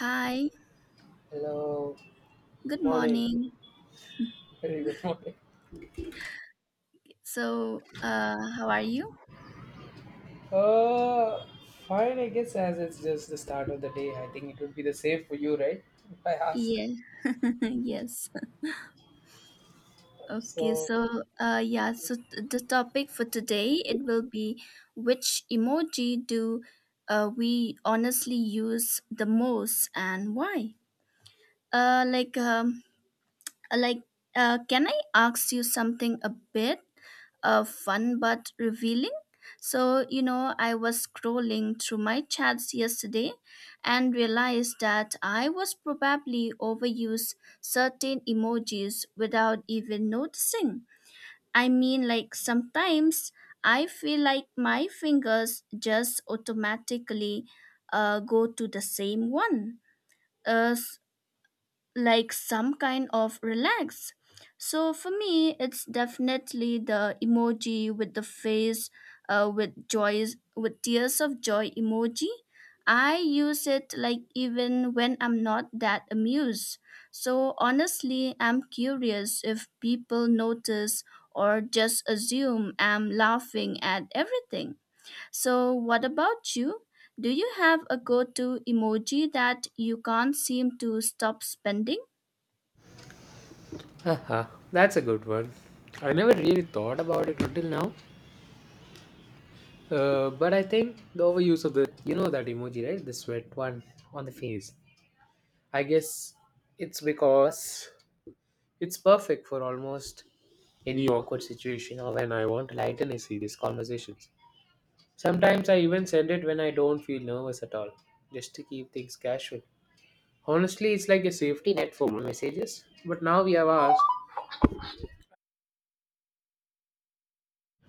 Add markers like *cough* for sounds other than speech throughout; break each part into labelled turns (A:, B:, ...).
A: Hi,
B: Hello, good
A: good
B: morning.
A: morning.
B: Very good morning.
A: So, how are you?
B: Uh, Fine, I guess, as it's just the start of the day, I think it would be the same for you, right? If I ask.
A: Yeah, *laughs* yes. Okay,
B: So,
A: so uh, yeah, so t- the topic for today it will be which emoji do we honestly use the most and why? Uh, like um, Like, can I ask you something a bit fun but revealing? So, you know, I was scrolling through my chats yesterday and realized that I was probably overused certain emojis without even noticing. I mean, like sometimes I feel like my fingers just automatically go to the same one. Uh, like some kind of relax. So for me, it's definitely the emoji with the face with joys with tears of joy emoji. I use it like even when I'm not that amused. So honestly, I'm curious if people notice or just assume I'm laughing at everything. So what about you? Do you have a go-to emoji that you can't seem to stop spending?
B: haha, that's a good one. I never really thought about it until now. But I think the overuse of the, that emoji, right? The sweat one on the face. I guess it's because it's perfect for almost any awkward situation or when I want to lighten a serious conversations. Sometimes I even send it when I don't feel nervous at all, just to keep things casual. Honestly, it's like a safety net for messages. But now we have asked,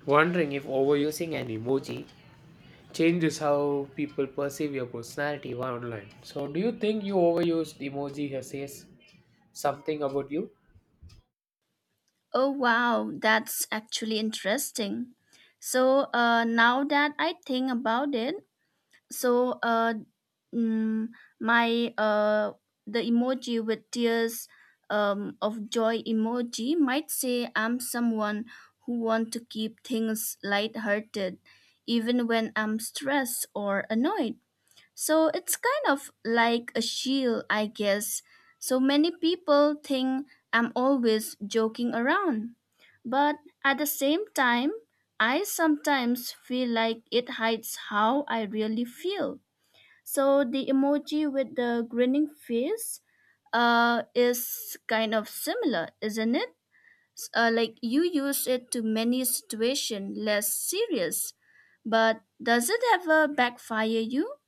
B: wondering if overusing an emoji changes how people perceive your personality while online. So, do you think you overused emoji has says something about you?
A: Oh, wow, that's actually interesting. So, now that I think about it, so mm, my the emoji with tears of joy emoji might say I'm someone who want to keep things lighthearted, even when I'm stressed or annoyed. So it's kind of like a shield, I guess. So many people think I'm always joking around. But at the same time, I sometimes feel like it hides how I really feel. So the emoji with the grinning face is kind of similar, isn't it? Like you use it to many situations less serious, but does it ever backfire you?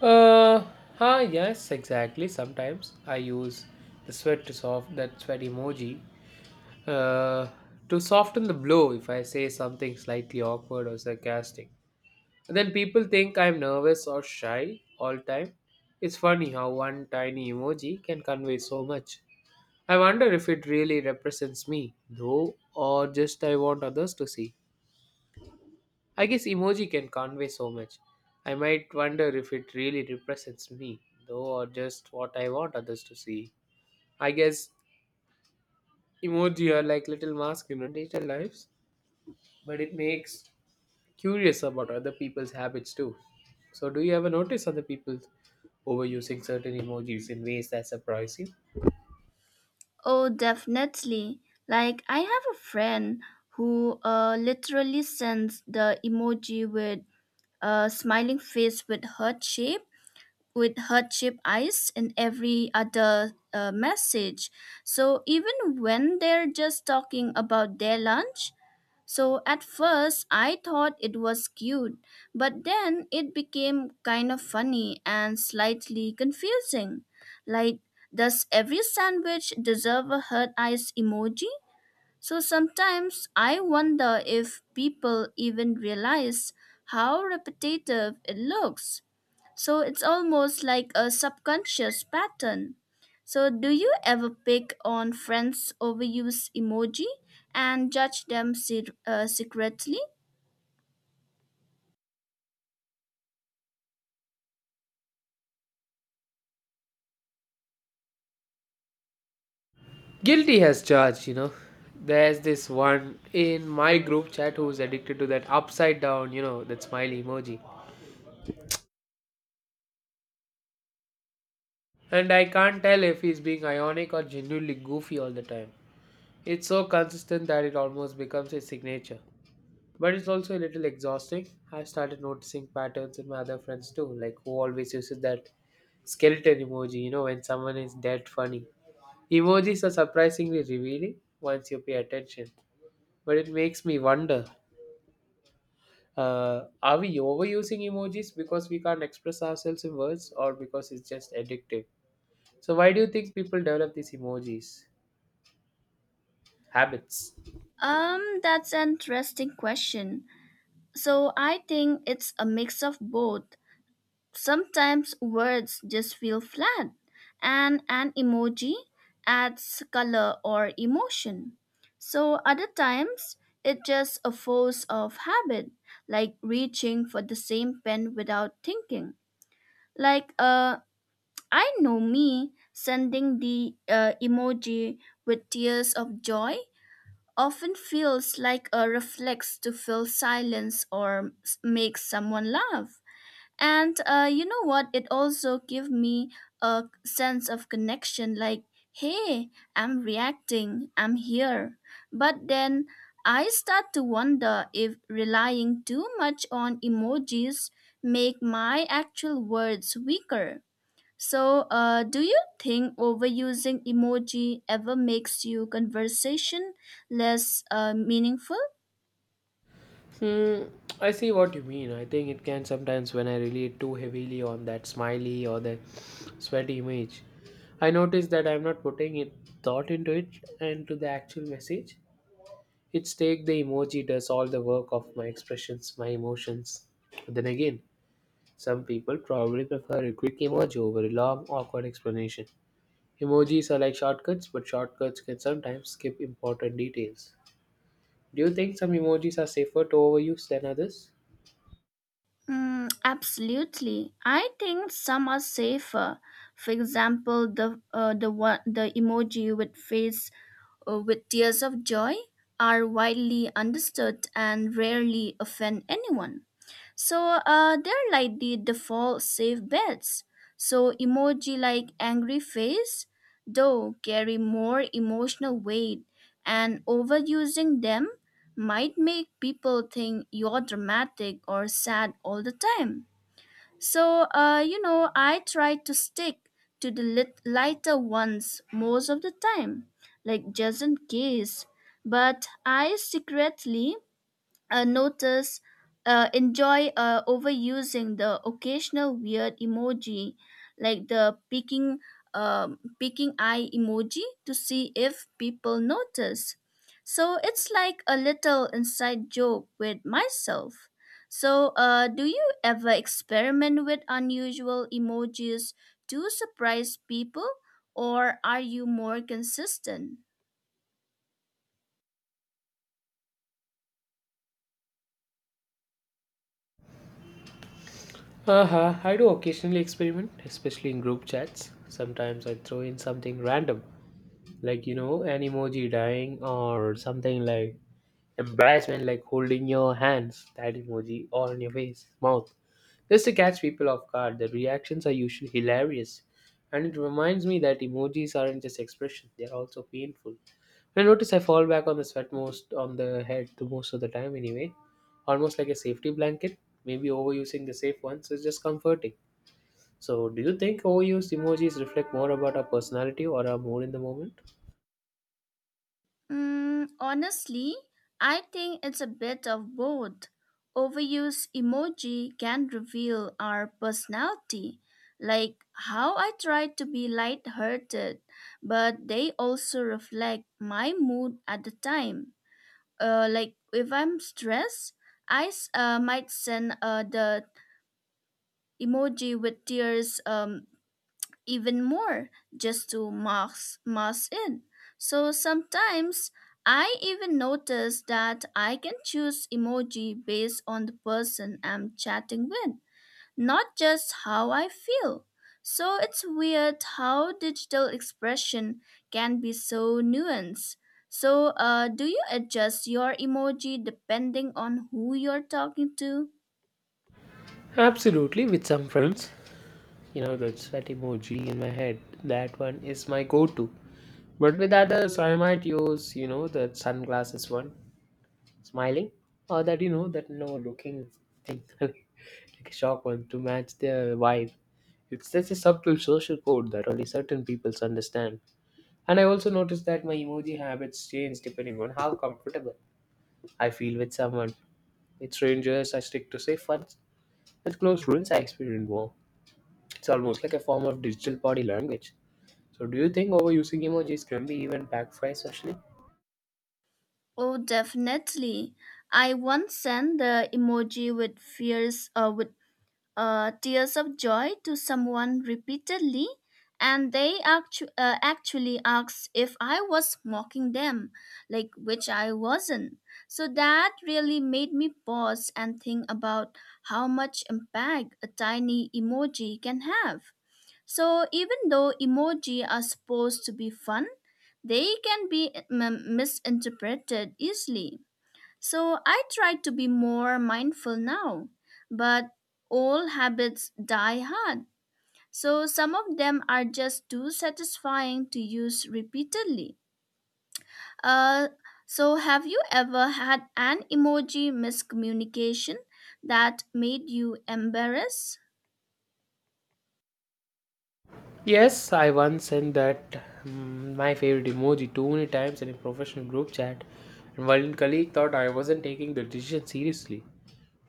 B: Uh, yes, exactly. Sometimes I use the sweat to soft that sweat emoji. Uh, to soften the blow if I say something slightly awkward or sarcastic. And then people think I'm nervous or shy all time. It's funny how one tiny emoji can convey so much. I wonder if it really represents me, though, or just I want others to see. I guess emoji can convey so much. I might wonder if it really represents me, though, or just what I want others to see. I guess emoji are like little masks in our digital lives, but it makes curious about other people's habits too. So, do you ever notice other people overusing certain emojis in ways that surprise you?
A: Oh, definitely. Like, I have a friend who literally sends the emoji with a smiling face with heart shape eyes in every other message. So even when they're just talking about their lunch, so at first, I thought it was cute, but then it became kind of funny and slightly confusing. Like, does every sandwich deserve a hurt eyes emoji? So sometimes I wonder if people even realize how repetitive it looks. So it's almost like a subconscious pattern. So do you ever pick on friends' overuse emoji and judge them secretly?
B: Guilty has charged, you know. There's this one in my group chat who's addicted to that upside down, that smiley emoji. And I can't tell if he's being ironic or genuinely goofy all the time. It's so consistent that it almost becomes his signature. But it's also a little exhausting. I've started noticing patterns in my other friends too, like who always uses that skeleton emoji, when someone is dead funny. Emojis are surprisingly revealing once you pay attention, but it makes me wonder are we overusing emojis because we can't express ourselves in words or because it's just addictive? So, why do you think people develop these emojis? Habits.
A: That's an interesting question. So I think it's a mix of both. Sometimes words just feel flat, and an emoji adds color or emotion. So, other times, it's just a force of habit, like reaching for the same pen without thinking. Like, uh, I know me sending the emoji with tears of joy often feels like a reflex to fill silence or make someone laugh. And you know what? It also give me a sense of connection like, hey, I'm reacting, I'm here. But then I start to wonder if relying too much on emojis make my actual words weaker. So, do you think overusing emoji ever makes your conversation less meaningful?
B: Hmm, I see what you mean. I think it can sometimes when I relate too heavily on that smiley or that sweaty image. I notice that I'm not putting it thought into it and to the actual message. It's take the emoji does all the work of my expressions, my emotions. But then again, some people probably prefer a quick emoji over a long, awkward explanation. Emojis are like shortcuts, but shortcuts can sometimes skip important details. Do you think some emojis are safer to overuse than others?
A: Mm, absolutely. I think some are safer. For example, the emoji with face with tears of joy are widely understood and rarely offend anyone. So they're like the default safe bets. So emoji like angry face, though, carry more emotional weight, and overusing them might make people think you're dramatic or sad all the time. So you know, I try to stick to the lighter ones most of the time, like just in case. But I secretly uh, notice, enjoy overusing the occasional weird emoji, like the picking eye emoji, to see if people notice. So it's like a little inside joke with myself. So, do you ever experiment with unusual emojis to surprise people, or are you more consistent?
B: Uh-huh. I do occasionally experiment, especially in group chats. Sometimes I throw in something random, like, an emoji dying or something like embarrassment, like holding your hands, that emoji, or on your face, mouth. Just to catch people off guard, the reactions are usually hilarious. And it reminds me that emojis aren't just expressions, they're also painful. I notice I fall back on the sweat most on the head the most of the time anyway. Almost like a safety blanket. Maybe overusing the safe ones is just comforting. So do you think overused emojis reflect more about our personality or our mood in the moment?
A: Mm, honestly, I think it's a bit of both. Overuse emoji can reveal our personality, like how I try to be lighthearted, but they also reflect my mood at the time. Like if I'm stressed, I might send the emoji with tears even more just to mask mask in. So sometimes I even notice that I can choose emoji based on the person I'm chatting with, not just how I feel. So it's weird how digital expression can be so nuanced. So, do you adjust your emoji depending on who you're talking to?
B: Absolutely, with some friends. You know the that emoji in my head, that one is my go-to, but with others I might use the sunglasses one, smiling, or that you know that no looking thing *laughs* like a shock one to match their vibe. It's such a subtle social code that only certain people understand. And I also noticed that my emoji habits change depending on how comfortable I feel with someone. With strangers I stick to safe ones, with close friends I experience more. It's almost like a form of digital body language. So, do you think overusing emojis can be even backfire socially?
A: Oh, definitely. I once sent the emoji with fears with tears of joy to someone repeatedly, and they actually asked if I was mocking them, like which I wasn't. So that really made me pause and think about how much impact a tiny emoji can have. So even though emoji are supposed to be fun, they can be misinterpreted easily. So I try to be more mindful now, but all habits die hard. So some of them are just too satisfying to use repeatedly. Uh, so have you ever had an emoji miscommunication that made you embarrassed?
B: Yes, I once sent that, my favorite emoji too many times in a professional group chat, and one colleague thought I wasn't taking the decision seriously.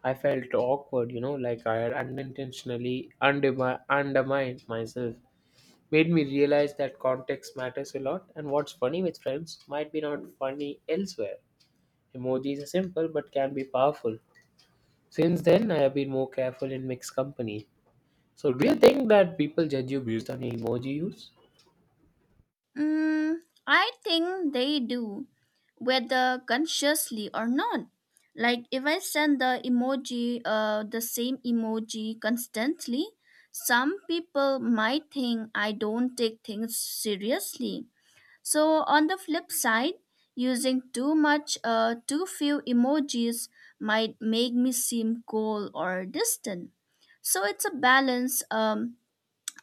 B: I felt awkward, like I had unintentionally undermined myself. Made me realize that context matters a lot, and what's funny with friends might be not funny elsewhere. Emojis are simple but can be powerful. Since then, I have been more careful in mixed company. So, do you think that people judge you based on the emoji you use?
A: Mm, I think they do, whether consciously or not. Like if I send the emoji, the same emoji constantly, some people might think I don't take things seriously. So on the flip side, using too much, too few emojis might make me seem cold or distant. So it's a balance.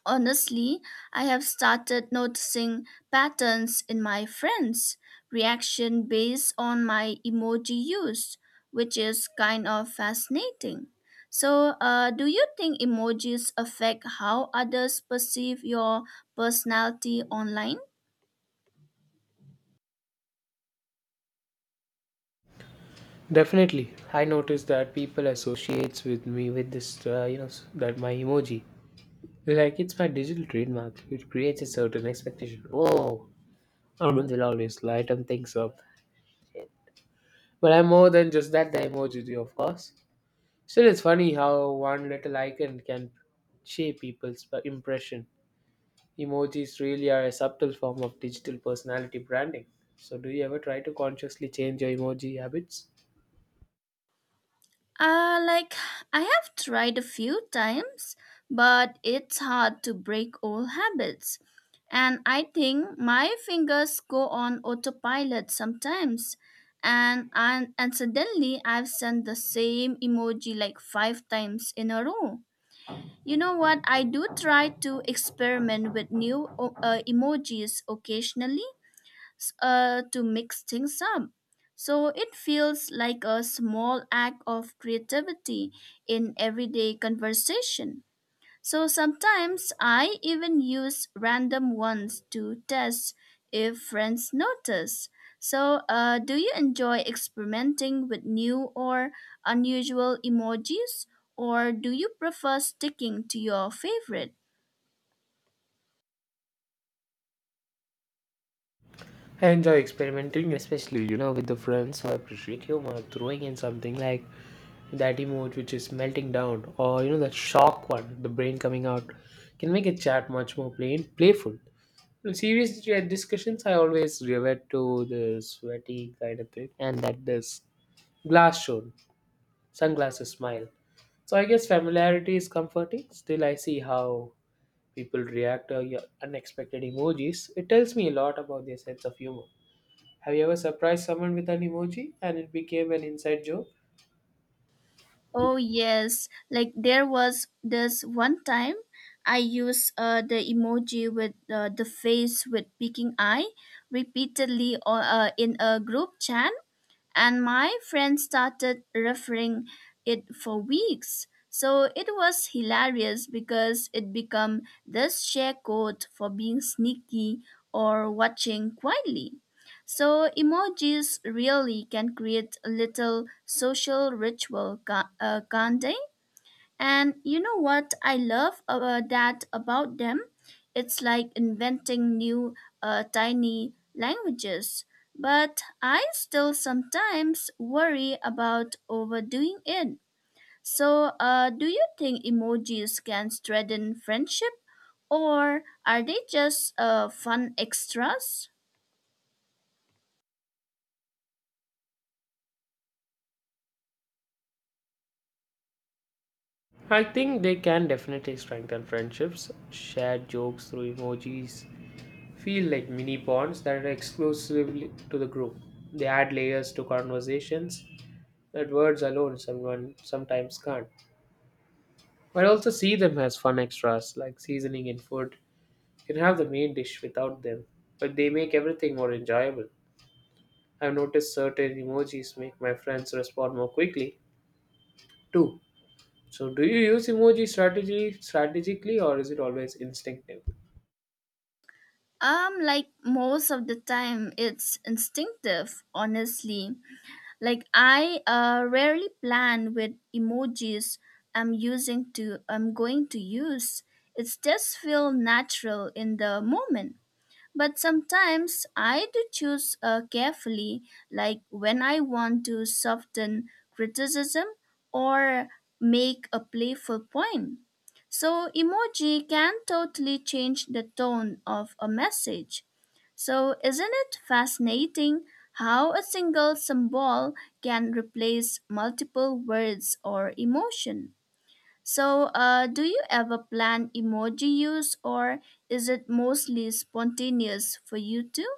A: Honestly, I have started noticing patterns in my friends' reaction based on my emoji use, which is kind of fascinating. So, do you think emojis affect how others perceive your personality online?
B: Definitely, I notice that people associates with me with this, that my emoji. Like it's my digital trademark, which creates a certain expectation. Oh, Armand will always lighten things up. But I'm more than just that. The emoji, of course. Still, it's funny how one little icon can shape people's impression. Emojis really are a subtle form of digital personality branding. So, do you ever try to consciously change your emoji habits?
A: Like, I have tried a few times, but it's hard to break old habits. And I think my fingers go on autopilot sometimes. And, and suddenly I've sent the same emoji like 5 times in a row. You know what? I do try to experiment with new emojis occasionally to mix things up. So it feels like a small act of creativity in everyday conversation. So sometimes I even use random ones to test if friends notice. So, do you enjoy experimenting with new or unusual emojis, or do you prefer sticking to your favorite?
B: I enjoy experimenting, especially, with the friends who appreciate humor, throwing in something like that emoji which is melting down, or, that shock one, the brain coming out, can make a chat much more plain, playful. In serious discussions, I always revert to the sweaty kind of thing, and that this glass shown, sunglasses smile. So I guess familiarity is comforting. Still, I see how people react to your unexpected emojis. It tells me a lot about their sense of humor. Have you ever surprised someone with an emoji and it became an inside joke?
A: Oh yes, like there was this one time I used the emoji with the face with peeking eye repeatedly on, in a group chat and my friend started referring it for weeks. So it was hilarious because it became this share code for being sneaky or watching quietly. So emojis really can create a little social ritual, can't they? And you know what I love that about them? It's like inventing new tiny languages. But I still sometimes worry about overdoing it. So, do you think emojis can strengthen friendship, or are they just fun extras?
B: I think they can definitely strengthen friendships. Shared jokes through emojis feel like mini bonds that are exclusively to the group. They add layers to conversations that words alone someone sometimes can't. But I also see them as fun extras like seasoning in food. You can have the main dish without them, but they make everything more enjoyable. I've noticed certain emojis make my friends respond more quickly too. So, do you use emoji strategy strategically or is it always instinctive?
A: Like most of the time, it's instinctive, honestly. Like I rarely plan with emojis I'm using to I'm going to use. It's just feel natural in the moment. But sometimes I do choose carefully, like when I want to soften criticism or make a playful point. So emoji can totally change the tone of a message so, isn't it fascinating how a single symbol can replace multiple words or emotion? So, do you ever plan emoji use or is it mostly spontaneous for you too?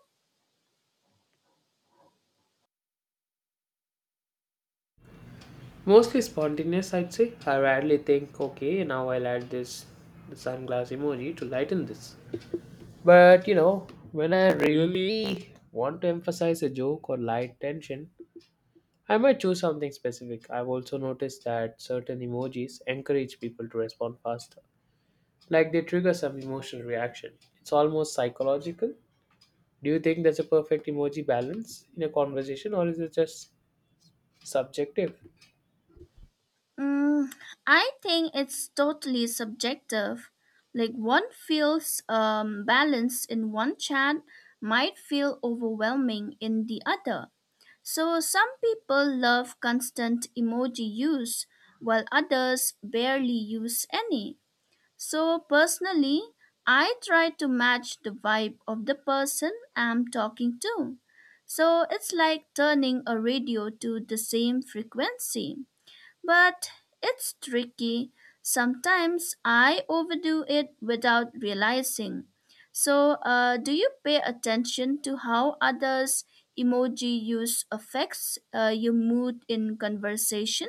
B: Mostly spontaneous, I'd say. I rarely think, okay, now I'll add this sunglass emoji to lighten this. But you know, when I really want to emphasize a joke or light tension, I might choose something specific. I've also noticed that certain emojis encourage people to respond faster, like they trigger some emotional reaction. It's almost psychological. Do you think that's a perfect emoji balance in a conversation or is it just subjective?
A: Mm, I think it's totally subjective. Like one feels balanced in one chat might feel overwhelming in the other. So some people love constant emoji use while others barely use any. So personally, I try to match the vibe of the person I'm talking to. So it's like turning a radio to the same frequency. But it's tricky. Sometimes I overdo it without realizing. So, do you pay attention to how others' emoji use affects your mood in conversation?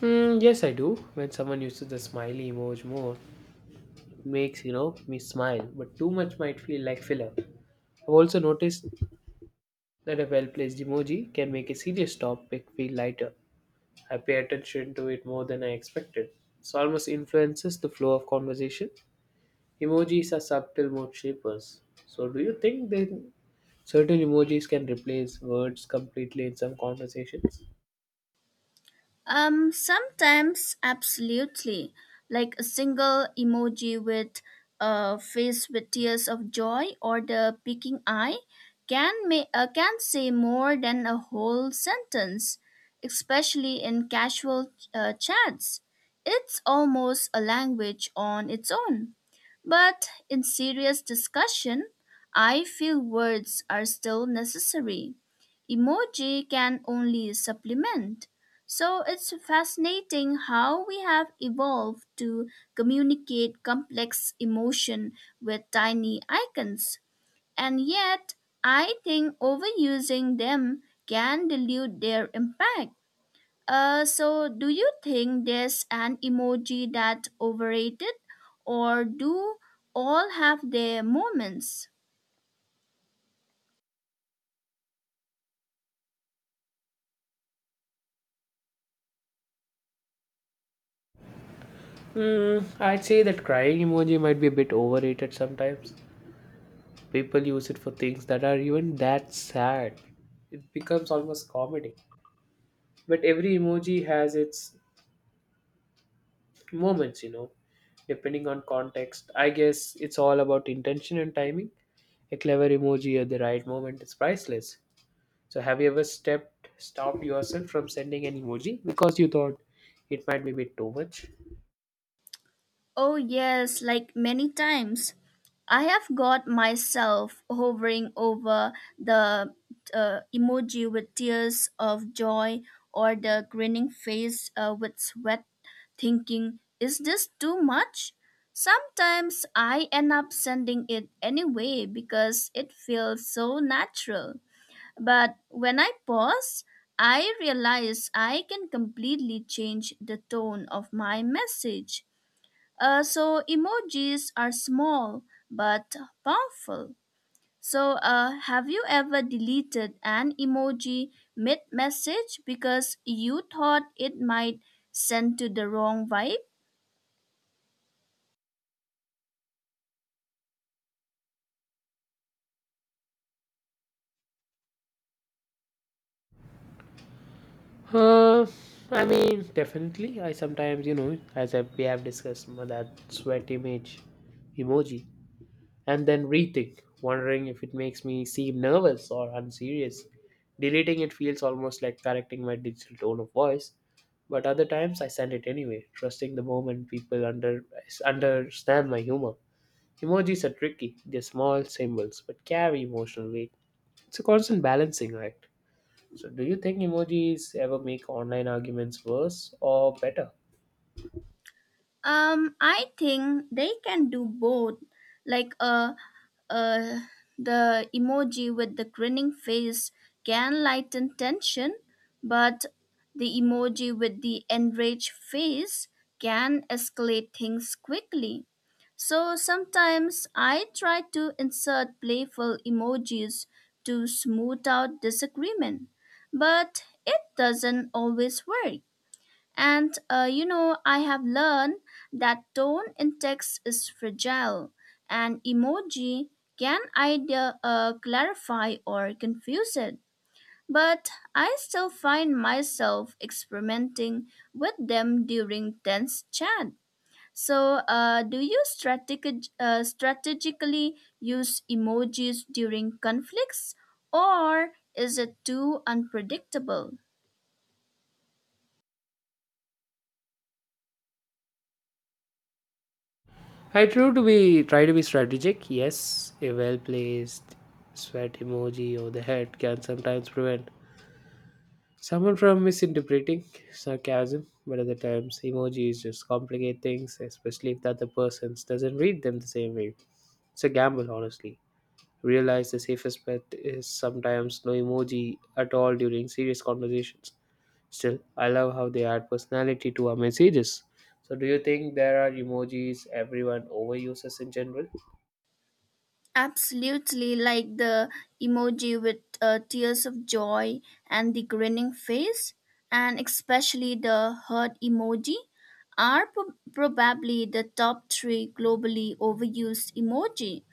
B: Hmm, yes, I do. When someone uses the smiley emoji more, it makes me smile, but too much might feel like filler. I've also noticed that a well-placed emoji can make a serious topic feel lighter. I pay attention to it more than I expected. It almost influences the flow of conversation. Emojis are subtle mood shapers. So, do you think then certain emojis can replace words completely in some conversations?
A: Sometimes absolutely, like a single emoji with a face with tears of joy or the peeking eye can say more than a whole sentence, especially in casual chats. It's almost a language on its own. But in serious discussion, I feel words are still necessary. Emoji can only supplement. So it's fascinating how we have evolved to communicate complex emotion with tiny icons. And yet, I think overusing them can dilute their impact. So, do you think there's an emoji that's overrated, or do all have their moments?
B: I'd say that crying emoji might be a bit overrated sometimes. People use it for things that are even that sad. It becomes almost comedy. But every emoji has its moments, depending on context. I guess it's all about intention and timing. A clever emoji at the right moment is priceless. So have you ever stepped stopped yourself from sending an emoji because you thought it might be a bit too much?
A: Oh, yes, like many times. I have got myself hovering over the emoji with tears of joy or the grinning face with sweat, thinking, is this too much? Sometimes I end up sending it anyway because it feels so natural. But when I pause, I realize I can completely change the tone of my message so emojis are small but powerful. So have you ever deleted an emoji mid message because you thought it might send to the wrong vibe?
B: Uh, I mean, definitely. I sometimes, as we have discussed, that sweat image emoji, and then rethink, wondering if it makes me seem nervous or unserious. Deleting it feels almost like correcting my digital tone of voice, but other times I send it anyway, trusting the moment people understand my humor. Emojis are tricky. They're small symbols but carry emotional weight. It's a constant balancing act. So, do you think emojis ever make online arguments worse or better?
A: I think they can do both, like uh, the emoji with the grinning face can lighten tension, but the emoji with the enraged face can escalate things quickly. So sometimes I try to insert playful emojis to smooth out disagreement, but it doesn't always work. And you know, I have learned that tone in text is fragile, and emoji can either clarify or confuse it. But I still find myself experimenting with them during tense chat. So, do you strategically use emojis during conflicts, or is it too unpredictable?
B: I try to be strategic. Yes, a well placed sweat emoji or the head can sometimes prevent someone from misinterpreting sarcasm. But other times, emojis just complicate things, especially if the other person doesn't read them the same way. It's a gamble, honestly. Realize the safest bet is sometimes no emoji at all during serious conversations. Still, I love how they add personality to our messages. So, do you think there are emojis everyone overuses in general?
A: Absolutely, like the emoji with tears of joy and the grinning face, and especially the heart emoji, are probably the top 3 globally overused emoji.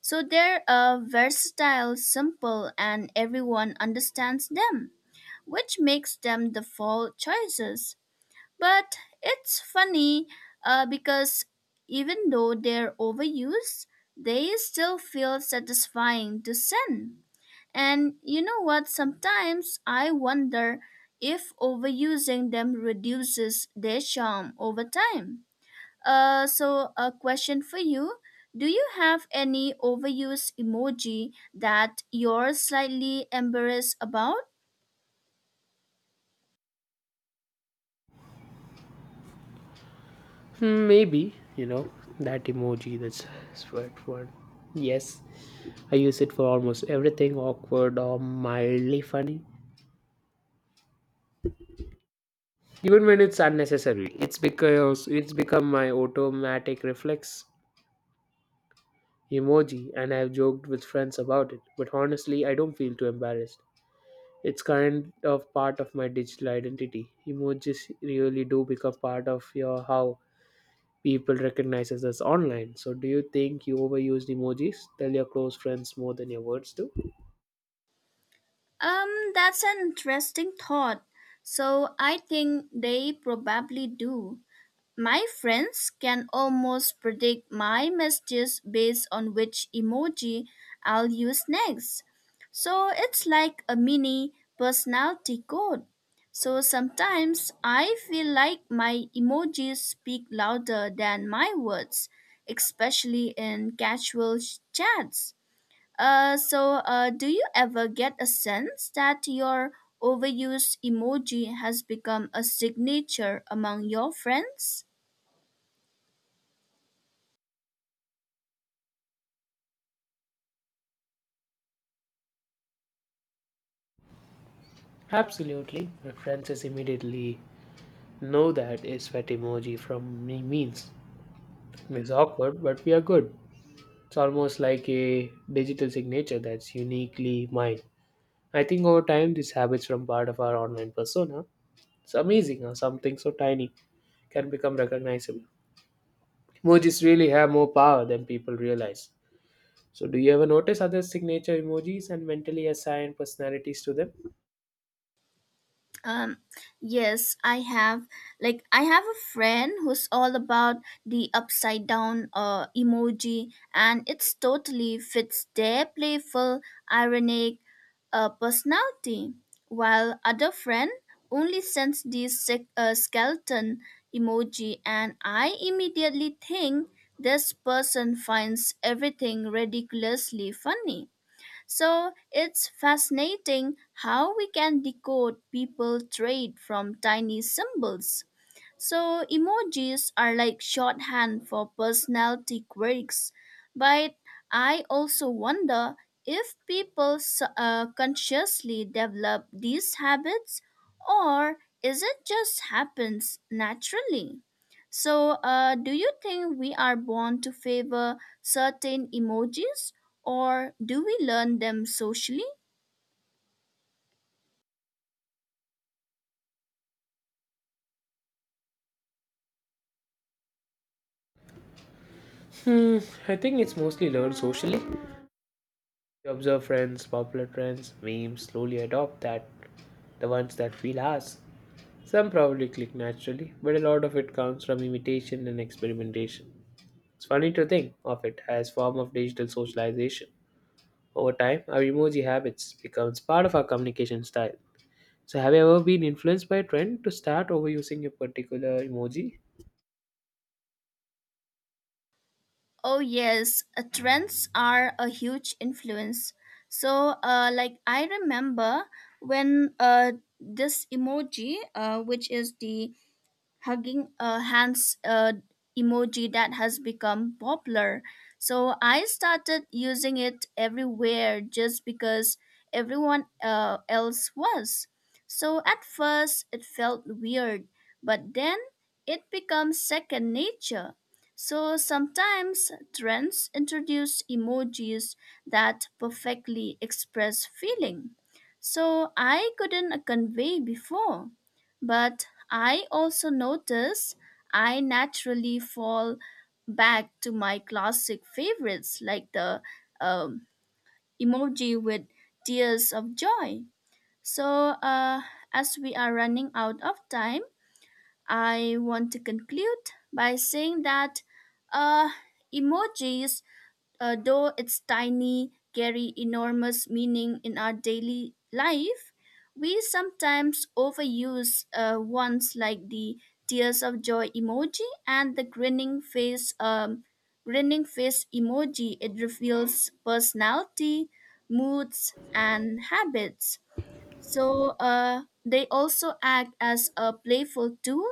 A: So they're versatile, simple, and everyone understands them, which makes them the default choices. But it's funny because even though they're overused, they still feel satisfying to send. And you know what? Sometimes I wonder if overusing them reduces their charm over time. So, a question for you. Do you have any overused emoji that you're slightly embarrassed about?
B: Maybe, that emoji that's sweat word. Yes, I use it for almost everything awkward or mildly funny. Even when it's unnecessary, it's because it's become my automatic reflex. Emoji and I've joked with friends about it, but honestly, I don't feel too embarrassed. It's kind of part of my digital identity. Emojis really do become part of your how people recognize us as online. So, do you think you overused emojis? Tell your close friends more than your words do?
A: That's an interesting thought. So I think they probably do. My friends can almost predict my messages based on which emoji I'll use next. So it's like a mini personality code. So sometimes I feel like my emojis speak louder than my words, especially in casual chats. So, do you ever get a sense that your overused emoji has become a signature among your friends?
B: Absolutely. My friends just immediately know that a sweat emoji from me means. It's awkward, but we are good. It's almost like a digital signature that's uniquely mine. I think over time, these habits from part of our online persona, it's amazing how something so tiny can become recognizable. Emojis really have more power than people realize. So, do you ever notice other signature emojis and mentally assign personalities to them?
A: Um, yes, I have. Like, I have a friend who's all about the upside down emoji, and it's totally fits their playful, ironic personality. While other friend only sends the skeleton emoji, and I immediately think this person finds everything ridiculously funny. So it's fascinating how we can decode people trade from tiny symbols. So emojis are like shorthand for personality quirks, but I also wonder if people consciously develop these habits or is it just happens naturally? So do you think we are born to favor certain emojis or do we learn them socially?
B: Hmm, I think it's mostly learned socially. You observe friends, popular trends, memes, slowly adopt that, the ones that feel ours. Some probably click naturally, but a lot of it comes from imitation and experimentation. It's funny to think of it as form of digital socialization. Over time, our emoji habits becomes part of our communication style. So have you ever been influenced by a trend to start overusing a particular emoji?
A: Oh yes, trends are a huge influence. So, like I remember when this emoji, which is the hugging a hands emoji that has become popular. So I started using it everywhere just because everyone else was. So at first it felt weird, but then it becomes second nature. So sometimes trends introduce emojis that perfectly express feeling. So I couldn't convey before. But I also notice I naturally fall back to my classic favorites like the um, emoji with tears of joy. So, as we are running out of time, I want to conclude by saying that uh, emojis though its tiny carry enormous meaning in our daily life, we sometimes overuse ones like the tears of joy emoji and the grinning face grinning face emoji. It reveals personality, moods, and habits. So they also act as a playful tool,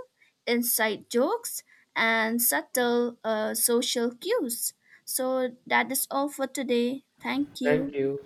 A: inside jokes, and subtle social cues. So that is all for today. Thank
B: Thank
A: you.
B: you.